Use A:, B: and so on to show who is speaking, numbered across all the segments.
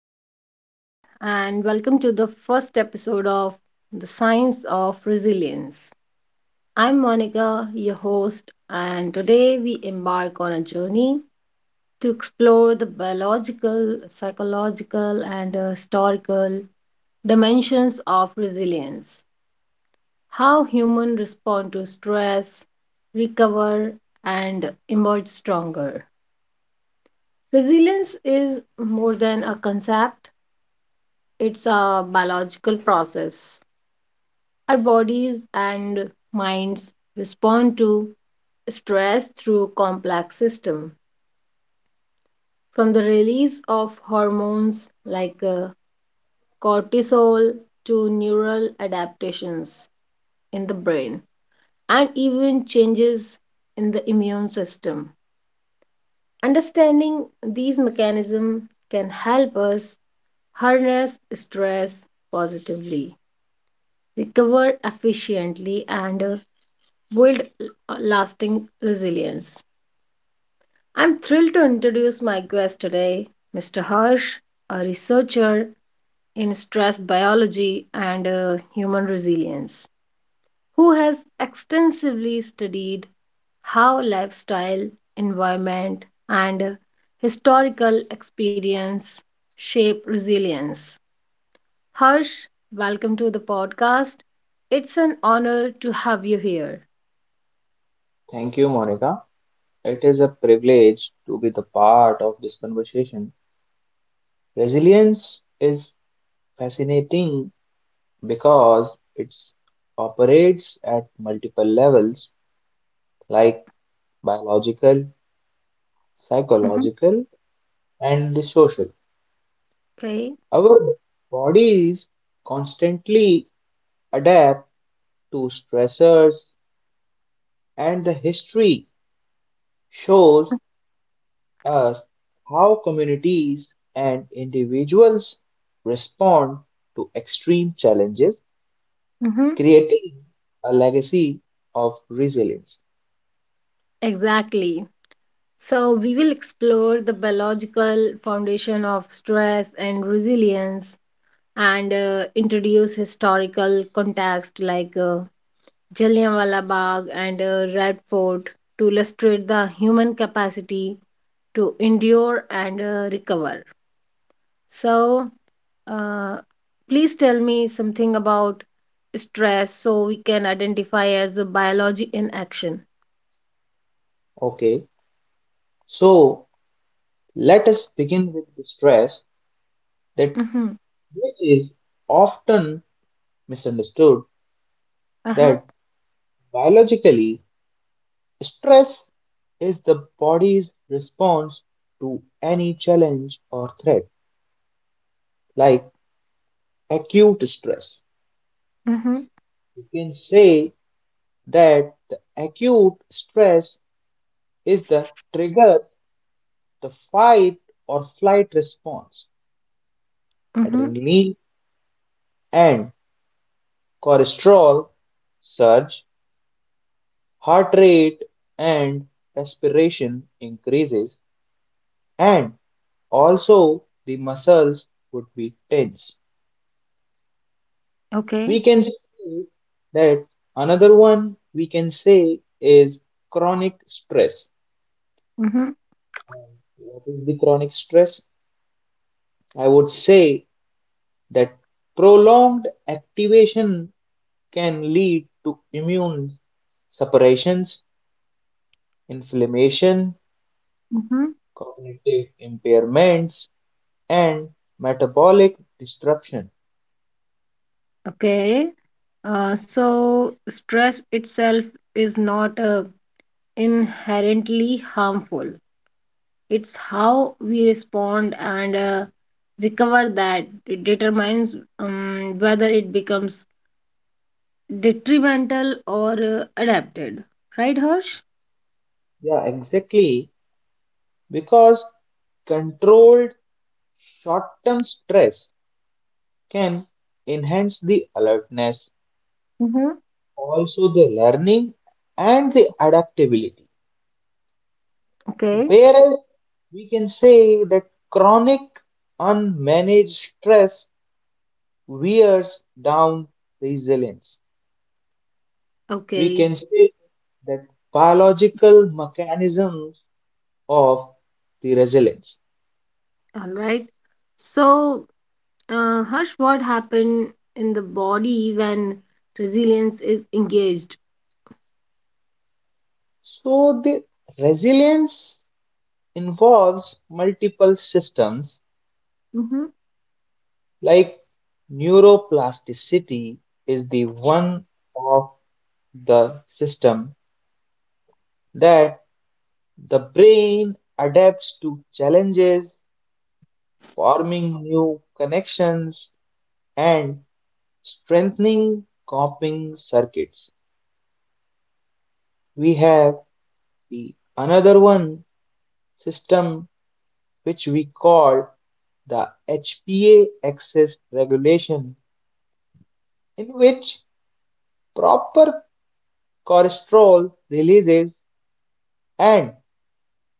A: dear listeners, and welcome to the first episode of The Science of Resilience. I'm Monica, your host, and today we embark on a journey to explore the biological, psychological, and historical dimensions of resilience, how humans respond to stress, recover, and emerge stronger. Resilience is more than a concept. It's a biological process. Our bodies and minds respond to stress through complex system, from the release of hormones like cortisol, to neural adaptations in the brain, and even changes in the immune system. Understanding these mechanisms can help us harness stress positively, recover efficiently, and build lasting resilience. I'm thrilled to introduce my guest today, Mr. Harsh, a researcher in stress biology and human resilience, who has extensively studied how lifestyle, environment, and historical experience shape resilience. Harsh, welcome to the podcast. It's an honor to have you here.
B: Thank you, Monica. It is a privilege to be the part of this conversation. Resilience is fascinating because it operates at multiple levels like biological,
A: Mhm.
B: psychological, and the social.
A: Okay.
B: Our bodies constantly adapt to stressors, and the history shows us how communities and individuals respond to extreme challenges,
A: Hmm.
B: creating a legacy of resilience.
A: Exactly. So, we will explore the biological foundation of stress and resilience and introduce historical context like Jallianwala Bagh and Red Fort to illustrate the human capacity to endure and recover. So, uh, please tell me something about stress so we can identify as a biology in action.
B: Okay, so let us begin with the stress that
A: Mm-hmm.
B: which is often misunderstood
A: Uh-huh.
B: that biologically stress is the body's response to any challenge or threat like acute stress.
A: Mm-hmm.
B: You can say that the acute stress is the trigger, the fight or flight response.
A: Mm-hmm.
B: Adrenaline and cortisol surge, heart rate and respiration increases, and also the muscles would be tense.
A: Okay.
B: We can say that another one we can say is chronic stress.
A: Mm-hmm.
B: What is the chronic stress? I would say that prolonged activation can lead to immune suppressions, inflammation,
A: Mm-hmm.
B: cognitive impairments, and metabolic disruption.
A: Okay. So stress itself is not inherently harmful. It's how we respond and recover that it determines whether it becomes detrimental or adapted. Right, Harsh?
B: Yeah, exactly. Because controlled short term stress can enhance the alertness,
A: Mm-hmm.
B: also the learning and the adaptability.
A: Okay.
B: Whereas we can say that chronic unmanaged stress wears down resilience. We
A: Okay.
B: can say that biological mechanisms of the resilience.
A: All right. So, Harsh, what happened in the body when resilience is engaged?
B: So the resilience involves multiple systems
A: Mm-hmm.
B: like neuroplasticity is the one of the system that the brain adapts to challenges, forming new connections and strengthening coping circuits. We have the another one system which we call the HPA axis regulation in which proper cholesterol releases and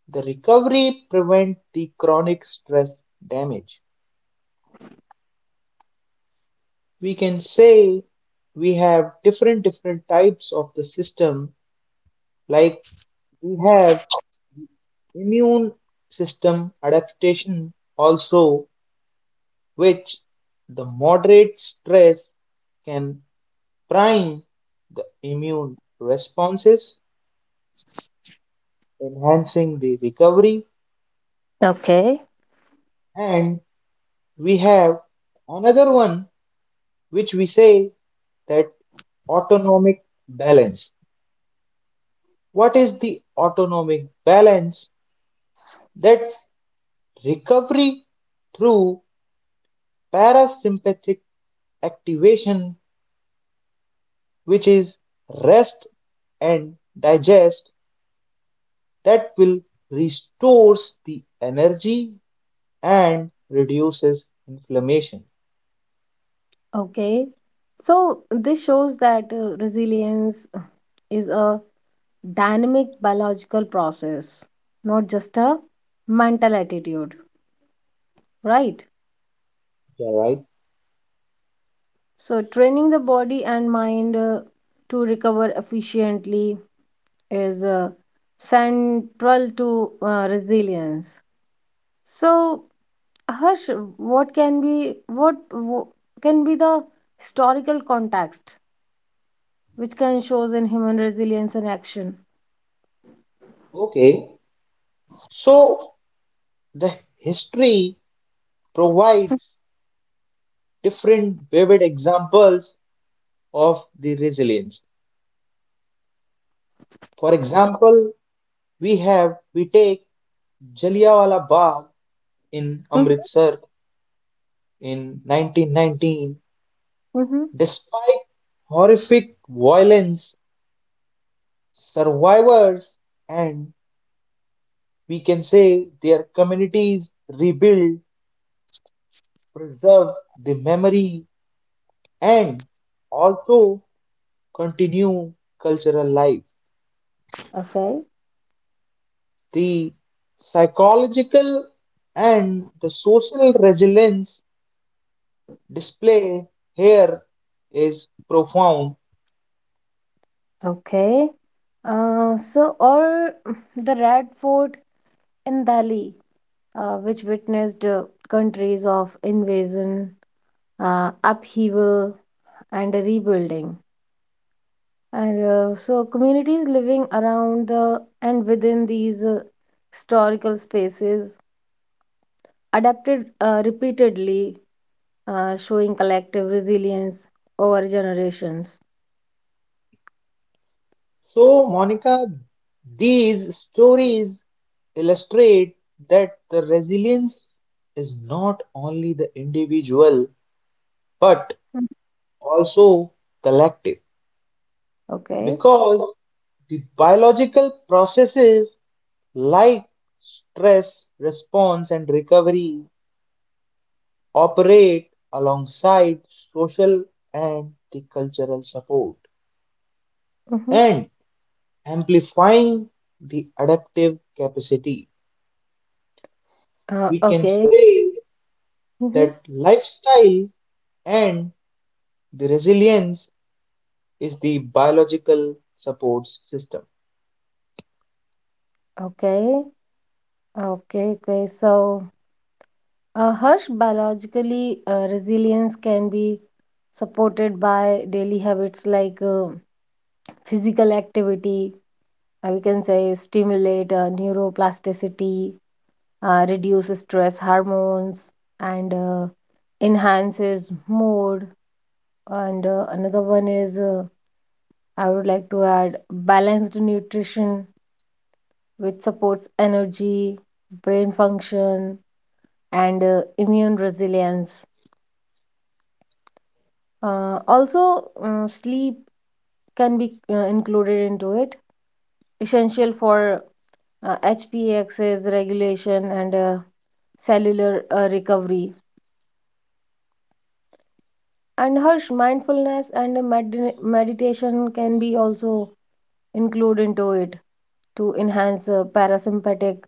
B: the recovery prevent the chronic stress damage. We can say we have different different types of the system like we have immune system adaptation also, which the moderate stress can prime the immune responses, enhancing the recovery.
A: Okay.
B: And we have another one which we say that autonomic balance. What is the autonomic balance? That recovery through parasympathetic activation, which is rest and digest, that will restores the energy and reduces inflammation.
A: Okay. So this shows that resilience is a dynamic biological process, not just a mental attitude, right?
B: Yeah, right.
A: So training the body and mind to recover efficiently is central to resilience. So Harsh, what can be the historical context which can shows in human resilience in action?
B: Okay, so the history provides different vivid examples of the resilience. For example, we take Jallianwala Bagh in
A: Mhm.
B: Amritsar in 1919.
A: Mhm.
B: Despite horrific violence, survivors and, we can say, their communities rebuild, preserve the memory, and also continue cultural life.
A: Okay.
B: The psychological and the social resilience display here is profound.
A: Okay. Or the Red Fort in Delhi, which witnessed countries of invasion, upheaval, and rebuilding. Communities living around the and within these historical spaces adapted repeatedly, showing collective resilience over generations.
B: So, Monica, these stories illustrate that the resilience is not only the individual but
A: Mm.
B: also collective.
A: Okay.
B: Because the biological processes like stress response and recovery operate alongside social and the cultural support
A: Mm-hmm.
B: and amplifying the adaptive capacity, we can
A: Okay.
B: say
A: Mm-hmm.
B: that lifestyle and the resilience is the biological support system.
A: Okay. Okay, okay. So, Harsh, biologically, resilience can be supported by daily habits like physical activity, we can say stimulate neuroplasticity, reduce stress hormones, and enhances mood. And another one is I would like to add balanced nutrition, which supports energy, brain function, and immune resilience. Also, sleep can be included into it, essential for HPA axis regulation and cellular recovery. And Harsh, mindfulness and meditation can be also included into it to enhance parasympathetic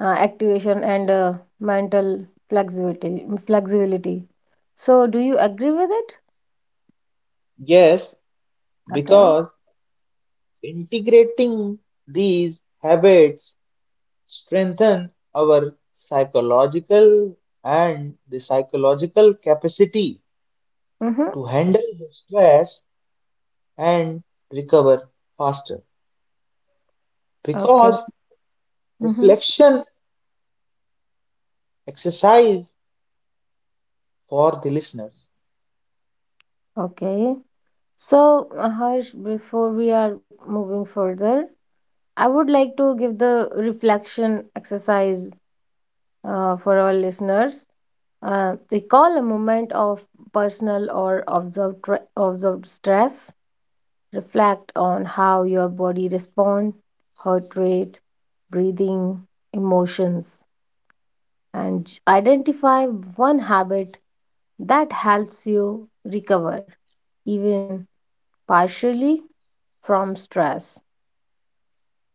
A: activation and mental flexibility. So, do you agree with it?
B: Yes,
A: Okay.
B: because integrating these habits strengthen our psychological and the psychological capacity
A: Mm-hmm.
B: to handle the stress and recover faster. Because
A: Okay. Mm-hmm.
B: reflection exercise for the listener.
A: Okay. So, Harsh, before we are moving further, I would like to give the reflection exercise for our listeners. Recall a moment of personal or observed, observed stress. Reflect on how your body responds, heart rate, breathing, emotions, and identify one habit that helps you recover, even partially, from stress.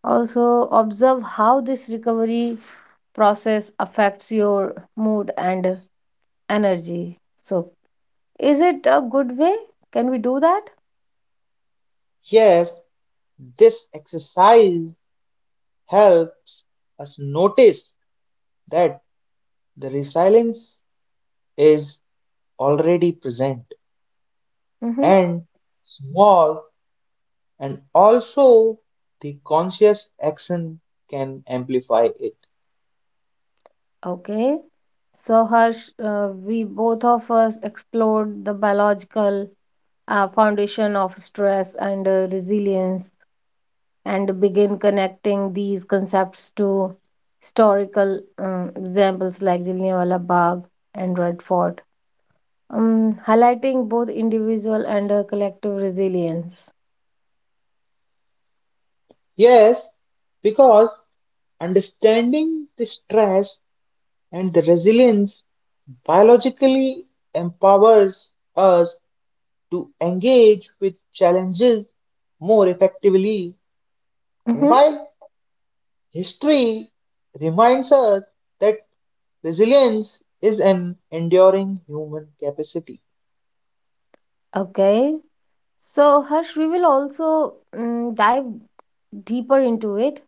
A: Also, observe how this recovery process affects your mood and energy. So, is it a good way? Can we do that?
B: Yes, this exercise helps us notice that the resilience is already present
A: Mm-hmm.
B: and small and also the conscious action can amplify it.
A: Okay. So, Harsh, we both of us explored the biological foundation of stress and resilience and begin connecting these concepts to historical examples like Jallianwala Bagh and Red Fort. Highlighting both individual and collective resilience.
B: Yes, because understanding the stress and the resilience biologically empowers us to engage with challenges more effectively,
A: Hmm.
B: while history reminds us that resilience is an enduring human capacity.
A: Okay. So, Harsh, we will also dive deeper into it.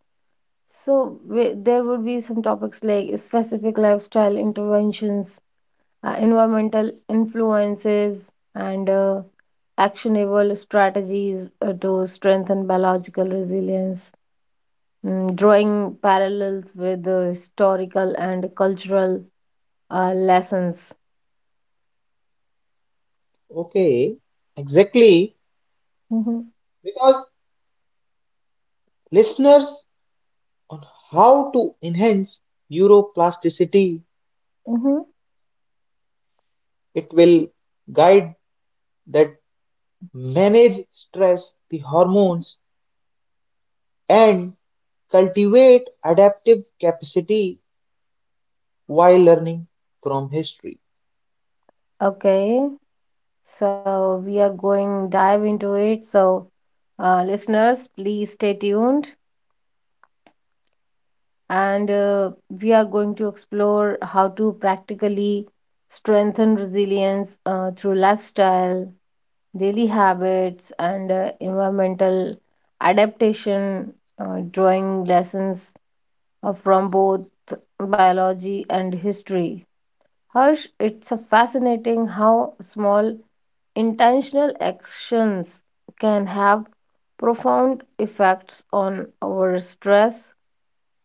A: So there would be some topics like specific lifestyle interventions, environmental influences, and actionable strategies to strengthen biological resilience, drawing parallels with historical and cultural lessons.
B: Okay, exactly.
A: Mhm.
B: Because listeners on how to enhance neuroplasticity.
A: Mm-hmm.
B: It will guide that manage stress, the hormones, and cultivate adaptive capacity while learning from history.
A: Okay, so we are going dive into it. So, listeners, please stay tuned, and we are going to explore how to practically strengthen resilience through lifestyle, daily habits, and environmental adaptation, drawing lessons from both biology and history. Harsh, it's a fascinating how small intentional actions can have profound effects on our stress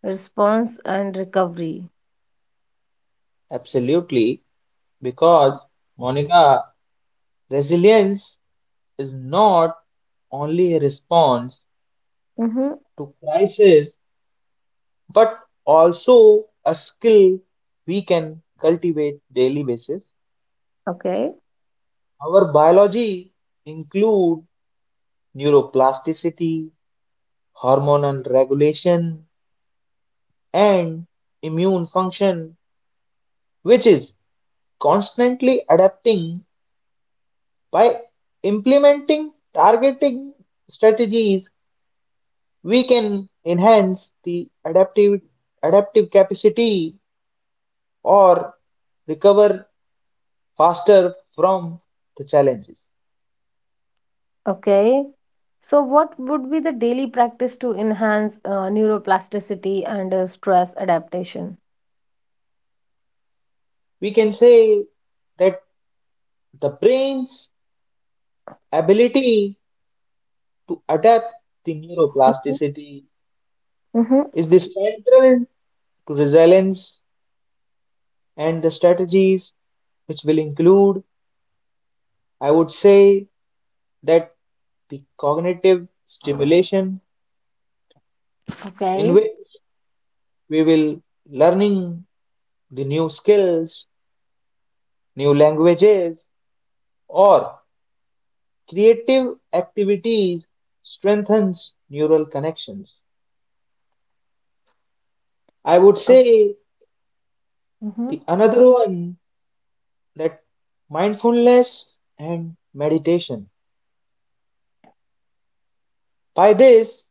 A: response and recovery.
B: Absolutely, because Monica, resilience is not only a response
A: Mm-hmm.
B: to crisis but also a skill we can cultivate daily basis.
A: Okay.
B: Our biology include neuroplasticity, hormonal regulation, and immune function, which is constantly adapting by implementing targeting strategies. We can enhance the adaptive capacity or recover faster from the challenges.
A: Okay. So, what would be the daily practice to enhance neuroplasticity and stress adaptation?
B: We can say that the brain's ability to adapt the neuroplasticity
A: Mm-hmm.
B: is the central to resilience, and the strategies which will include, I would say, that the cognitive stimulation in
A: Okay.
B: which we will learning the new skills, new languages, or creative activities strengthens neural connections. I would
A: Okay.
B: say the
A: Mm-hmm.
B: another one, that mindfulness and meditation. By this,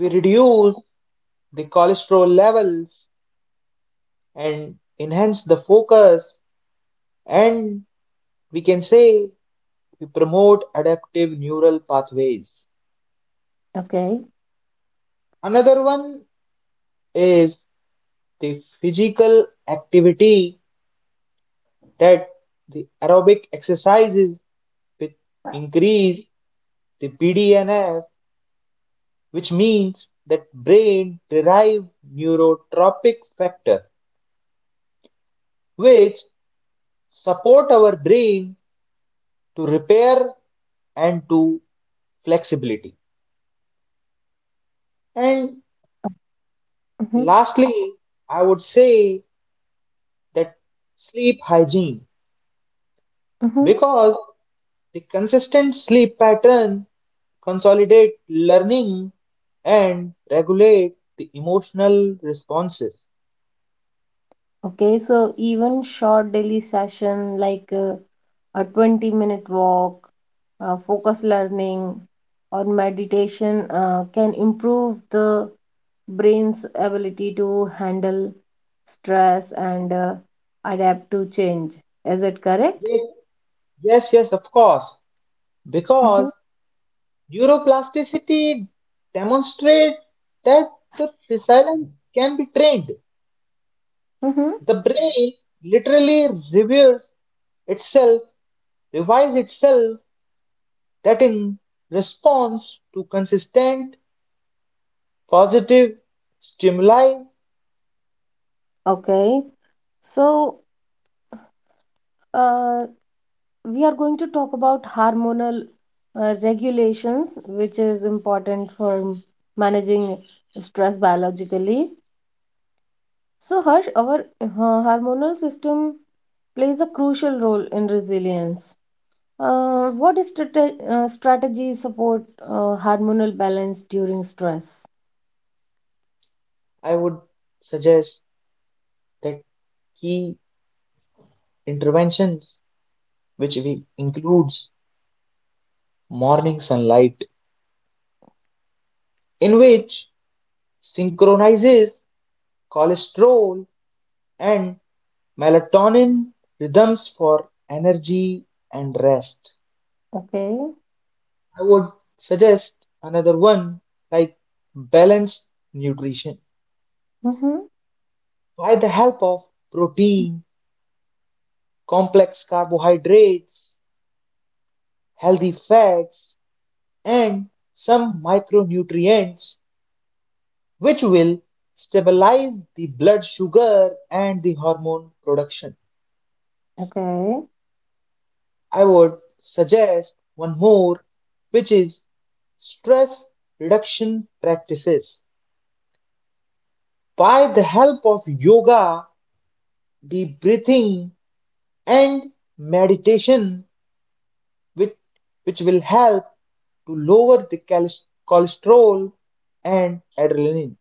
B: we reduce the cholesterol levels and enhance the focus, and we can say we promote adaptive neural pathways.
A: Okay.
B: Another one is the physical activity that the aerobic exercises which increase the BDNF, which means that brain derived neurotropic factor, which support our brain to repair and to flexibility. And
A: Mm-hmm.
B: lastly, I would say that sleep hygiene,
A: Mm-hmm.
B: because the consistent sleep pattern consolidate learning and regulate the emotional responses.
A: Okay. So even short daily session like a 20-minute minute walk, focus learning, or meditation can improve the brain's ability to handle stress and adapt to change. Is it correct?
B: Yes, yes, yes, of course,
A: Hmm.
B: because neuroplasticity demonstrates that the resilience can be trained.
A: Mm-hmm.
B: The brain literally reviews itself revives itself that in response to consistent positive stimuli.
A: Okay. So, uh, we are going to talk about hormonal regulations, which is important for managing stress biologically. So, Harsh, our hormonal system plays a crucial role in resilience. What is strategy support hormonal balance during stress?
B: I would suggest that key interventions which we includes morning sunlight in which synchronizes cholesterol and melatonin rhythms for energy and rest.
A: Okay.
B: I would suggest another one like balanced nutrition
A: Hmm.
B: by the help of protein, complex carbohydrates, healthy fats, and some micronutrients, which will stabilize the blood sugar and the hormone production.
A: Okay.
B: I would suggest one more, which is stress reduction practices. By the help of yoga, the breathing, and meditation, which, which will help to lower the cholesterol and adrenaline.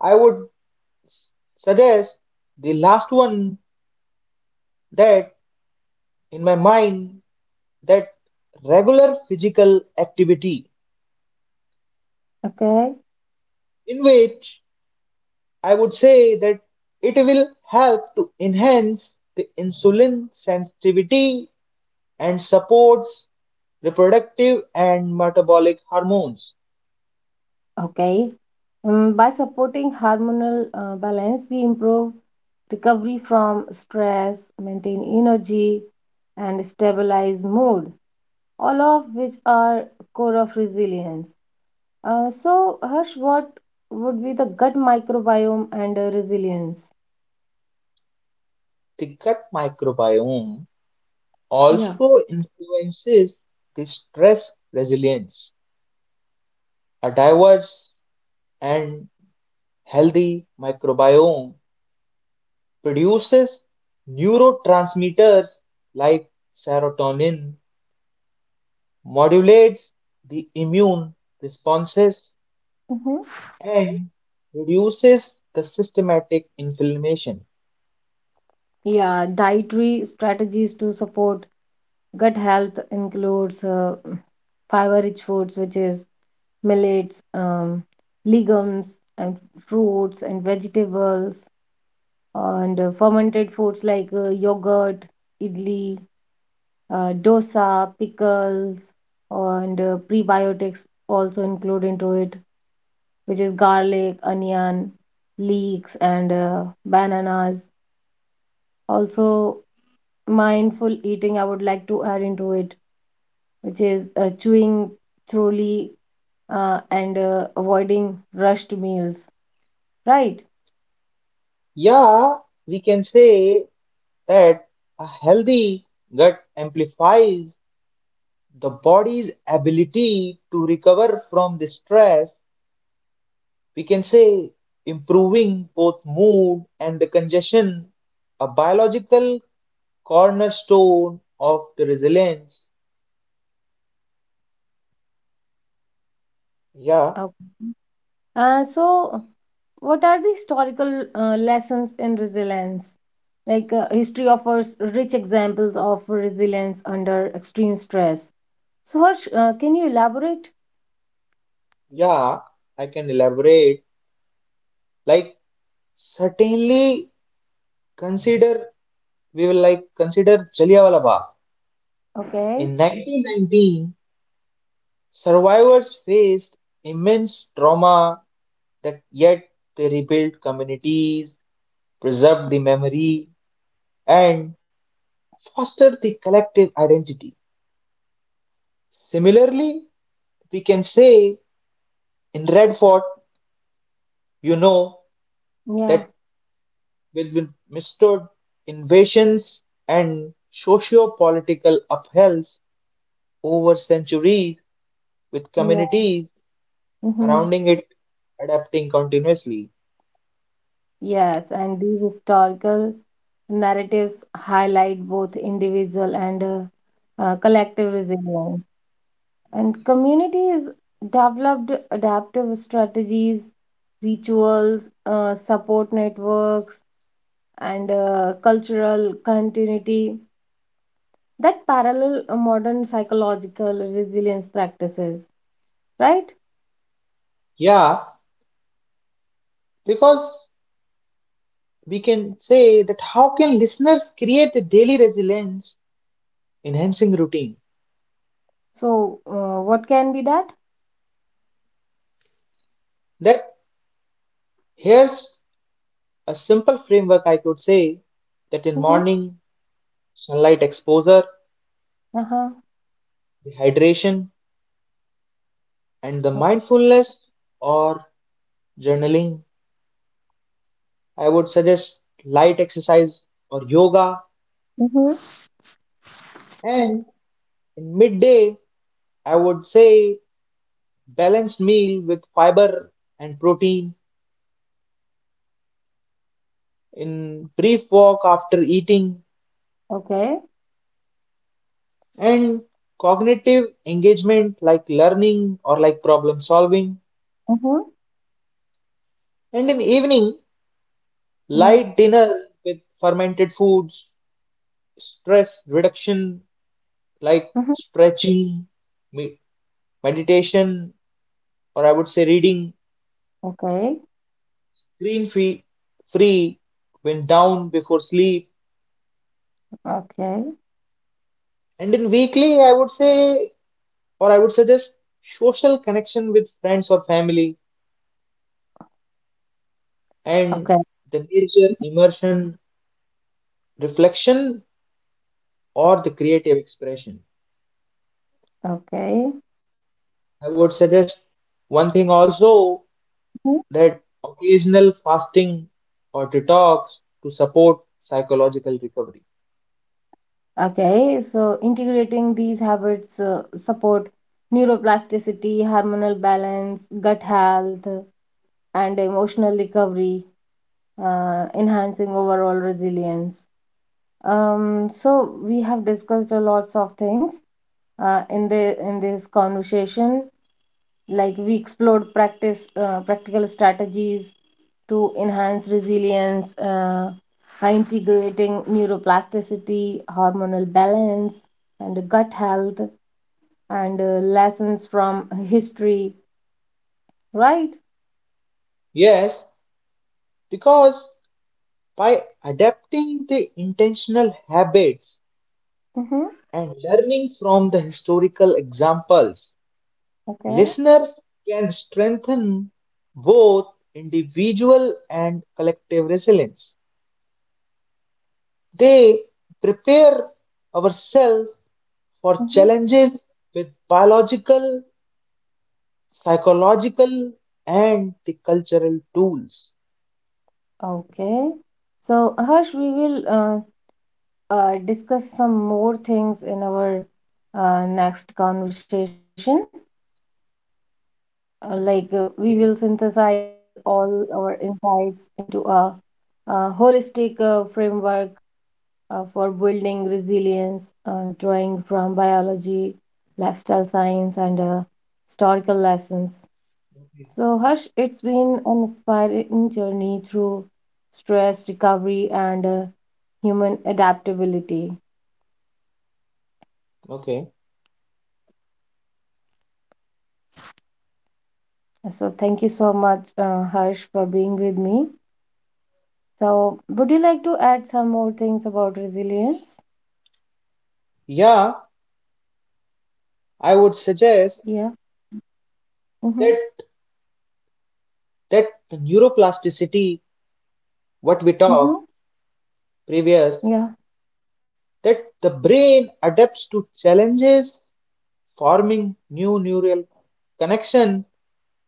B: I would suggest the last one, that in my mind, that regular physical activity
A: Okay,
B: in which I would say that it will help to enhance the insulin sensitivity and supports reproductive and metabolic hormones.
A: okay. By supporting hormonal balance, we improve recovery from stress, maintain energy, and stabilize mood, all of which are core of resilience. So, Harsh, what would be the gut microbiome and resilience?
B: The gut microbiome
A: Yeah.
B: also influences the stress resilience. A diverse and healthy microbiome produces neurotransmitters like serotonin, modulates the immune responses,
A: Mm-hmm.
B: and reduces the systematic inflammation.
A: Yeah, dietary strategies to support gut health includes fiber-rich foods, which is millets, legumes, and fruits and vegetables, and fermented foods like yogurt, idli, dosa, pickles, and prebiotics also include into it, which is garlic, onion, leeks, and bananas. Also, mindful eating I would like to add into it, which is chewing thoroughly and avoiding rushed meals, right?
B: Yeah, we can say that a healthy gut amplifies the body's ability to recover from the stress. We can say improving both mood and the congestion, a biological cornerstone of the resilience. Yeah,
A: Okay. So what are the historical lessons in resilience, like history offers rich examples of resilience under extreme stress. So Harsh, can you elaborate?
B: yeah, I can elaborate. Like, certainly consider, we will like consider Jallianwala Bagh.
A: Okay.
B: In 1919, survivors faced immense trauma that yet they rebuilt communities, preserved the memory, and fostered the collective identity. Similarly, we can say in Red Fort, you know,
A: Yeah.
B: that withstood invasions and socio-political upheavals over centuries, with
A: Yeah.
B: communities
A: Mm-hmm.
B: surrounding it adapting continuously.
A: Yes, and these historical narratives highlight both individual and collective resilience. And communities developed adaptive strategies, rituals, support networks, and cultural continuity that parallel modern psychological resilience practices, right?
B: Yeah, because we can say that how can listeners create a daily resilience enhancing routine?
A: So, what can be that?
B: That here's a simple framework, I could say, that in
A: Mm-hmm.
B: morning, sunlight exposure,
A: Uh-huh.
B: dehydration, and the
A: Okay.
B: mindfulness or journaling, I would suggest light exercise or yoga.
A: Mm-hmm.
B: And in midday, I would say balanced meal with fiber and protein, in brief walk after eating,
A: Okay.
B: and cognitive engagement like learning or like problem solving.
A: Mm-hmm.
B: And in evening,
A: Yeah.
B: light dinner with fermented foods, stress reduction like
A: Mhm.
B: stretching, me- meditation, or I would say reading,
A: Okay,
B: screen free, free, wind down before sleep.
A: okay,
B: And in weekly, I would say, or I would suggest social connection with friends or family and
A: okay,
B: the nature, immersion, reflection, or the creative expression.
A: okay,
B: I would suggest one thing also,
A: Mhm.
B: that occasional fasting or detox to support psychological recovery.
A: okay. So integrating these habits support neuroplasticity, hormonal balance, gut health, and emotional recovery, enhancing overall resilience. So we have discussed a lots of things uh, in the in this conversation, like we explored practice practical strategies to enhance resilience by integrating neuroplasticity, hormonal balance, and gut health, and lessons from history, right?
B: Yes, because by adapting the intentional habits
A: Mm-hmm.
B: and learning from the historical examples,
A: Okay.
B: listeners can strengthen both individual and collective resilience. They prepare ourselves for
A: Mm-hmm.
B: challenges with biological, psychological, and the cultural tools.
A: Okay. So Harsh, we will discuss some more things in our next conversation, like we will
B: Yes,
A: synthesize all our insights into a, uh, holistic framework for building resilience, drawing from biology, lifestyle science, and historical lessons.
B: okay.
A: So, Harsh, it's been an inspiring journey through stress recovery and human adaptability.
B: Okay.
A: So, thank you so much, Harsh, for being with me. So, would you like to add some more things about resilience?
B: Yeah, I would suggest
A: Yeah. Mhm.
B: that that the neuroplasticity, what we
A: Mhm.
B: talked previous,
A: Yeah.
B: that the brain adapts to challenges, forming new neural connection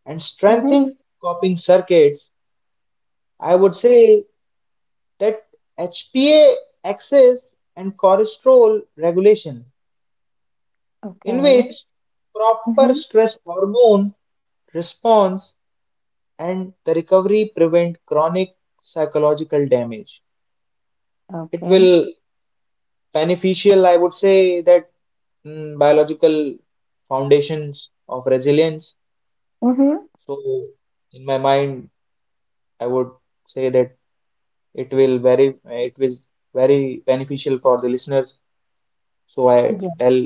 B: and
A: Mhm.
B: strengthening coping circuits. I would say that HPA axis and cholesterol regulation, in which
A: Okay.
B: proper
A: Mhm.
B: stress hormone response and the recovery prevent chronic psychological damage. It
A: Okay.
B: will beneficial, I would say, that biological foundations of resilience.
A: Mhm.
B: So, in my mind, I would say that it was very beneficial for the listeners. So I
A: Yeah.
B: tell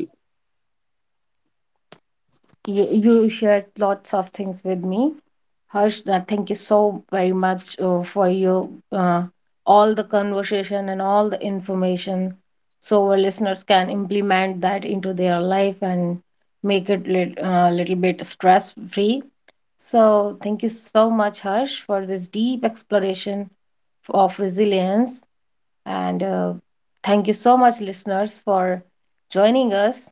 A: You shared lots of things with me. Harsh, thank you so very much for your all the conversation and all the information, so our listeners can implement that into their life and make it little bit stress free. So thank you so much, Harsh, for this deep exploration of resilience. And thank you so much, listeners, for joining us.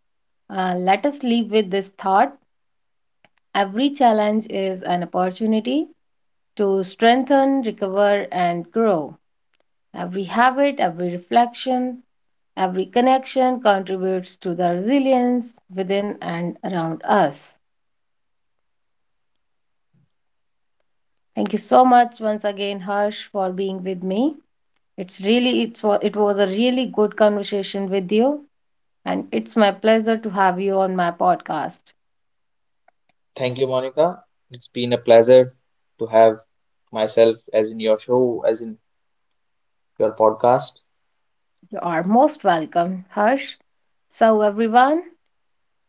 A: Let us leave with this thought: every challenge is an opportunity to strengthen, recover, and grow. Every habit, every reflection, every connection contributes to the resilience within and around us. Thank you so much once again, Harsh, for being with me. It's really it was a really good conversation with you, and it's my pleasure to have you on my podcast.
B: thank you, Monica. It's been a pleasure to have myself as in your show as in your podcast
A: You are most welcome, Harsh. So, everyone,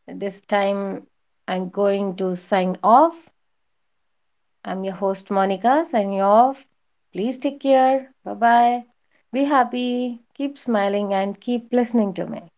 A: this time I'm going to sign off. I'm your host, Monica, signing off. Please take care. Bye bye. Be happy, keep smiling, and keep listening to me.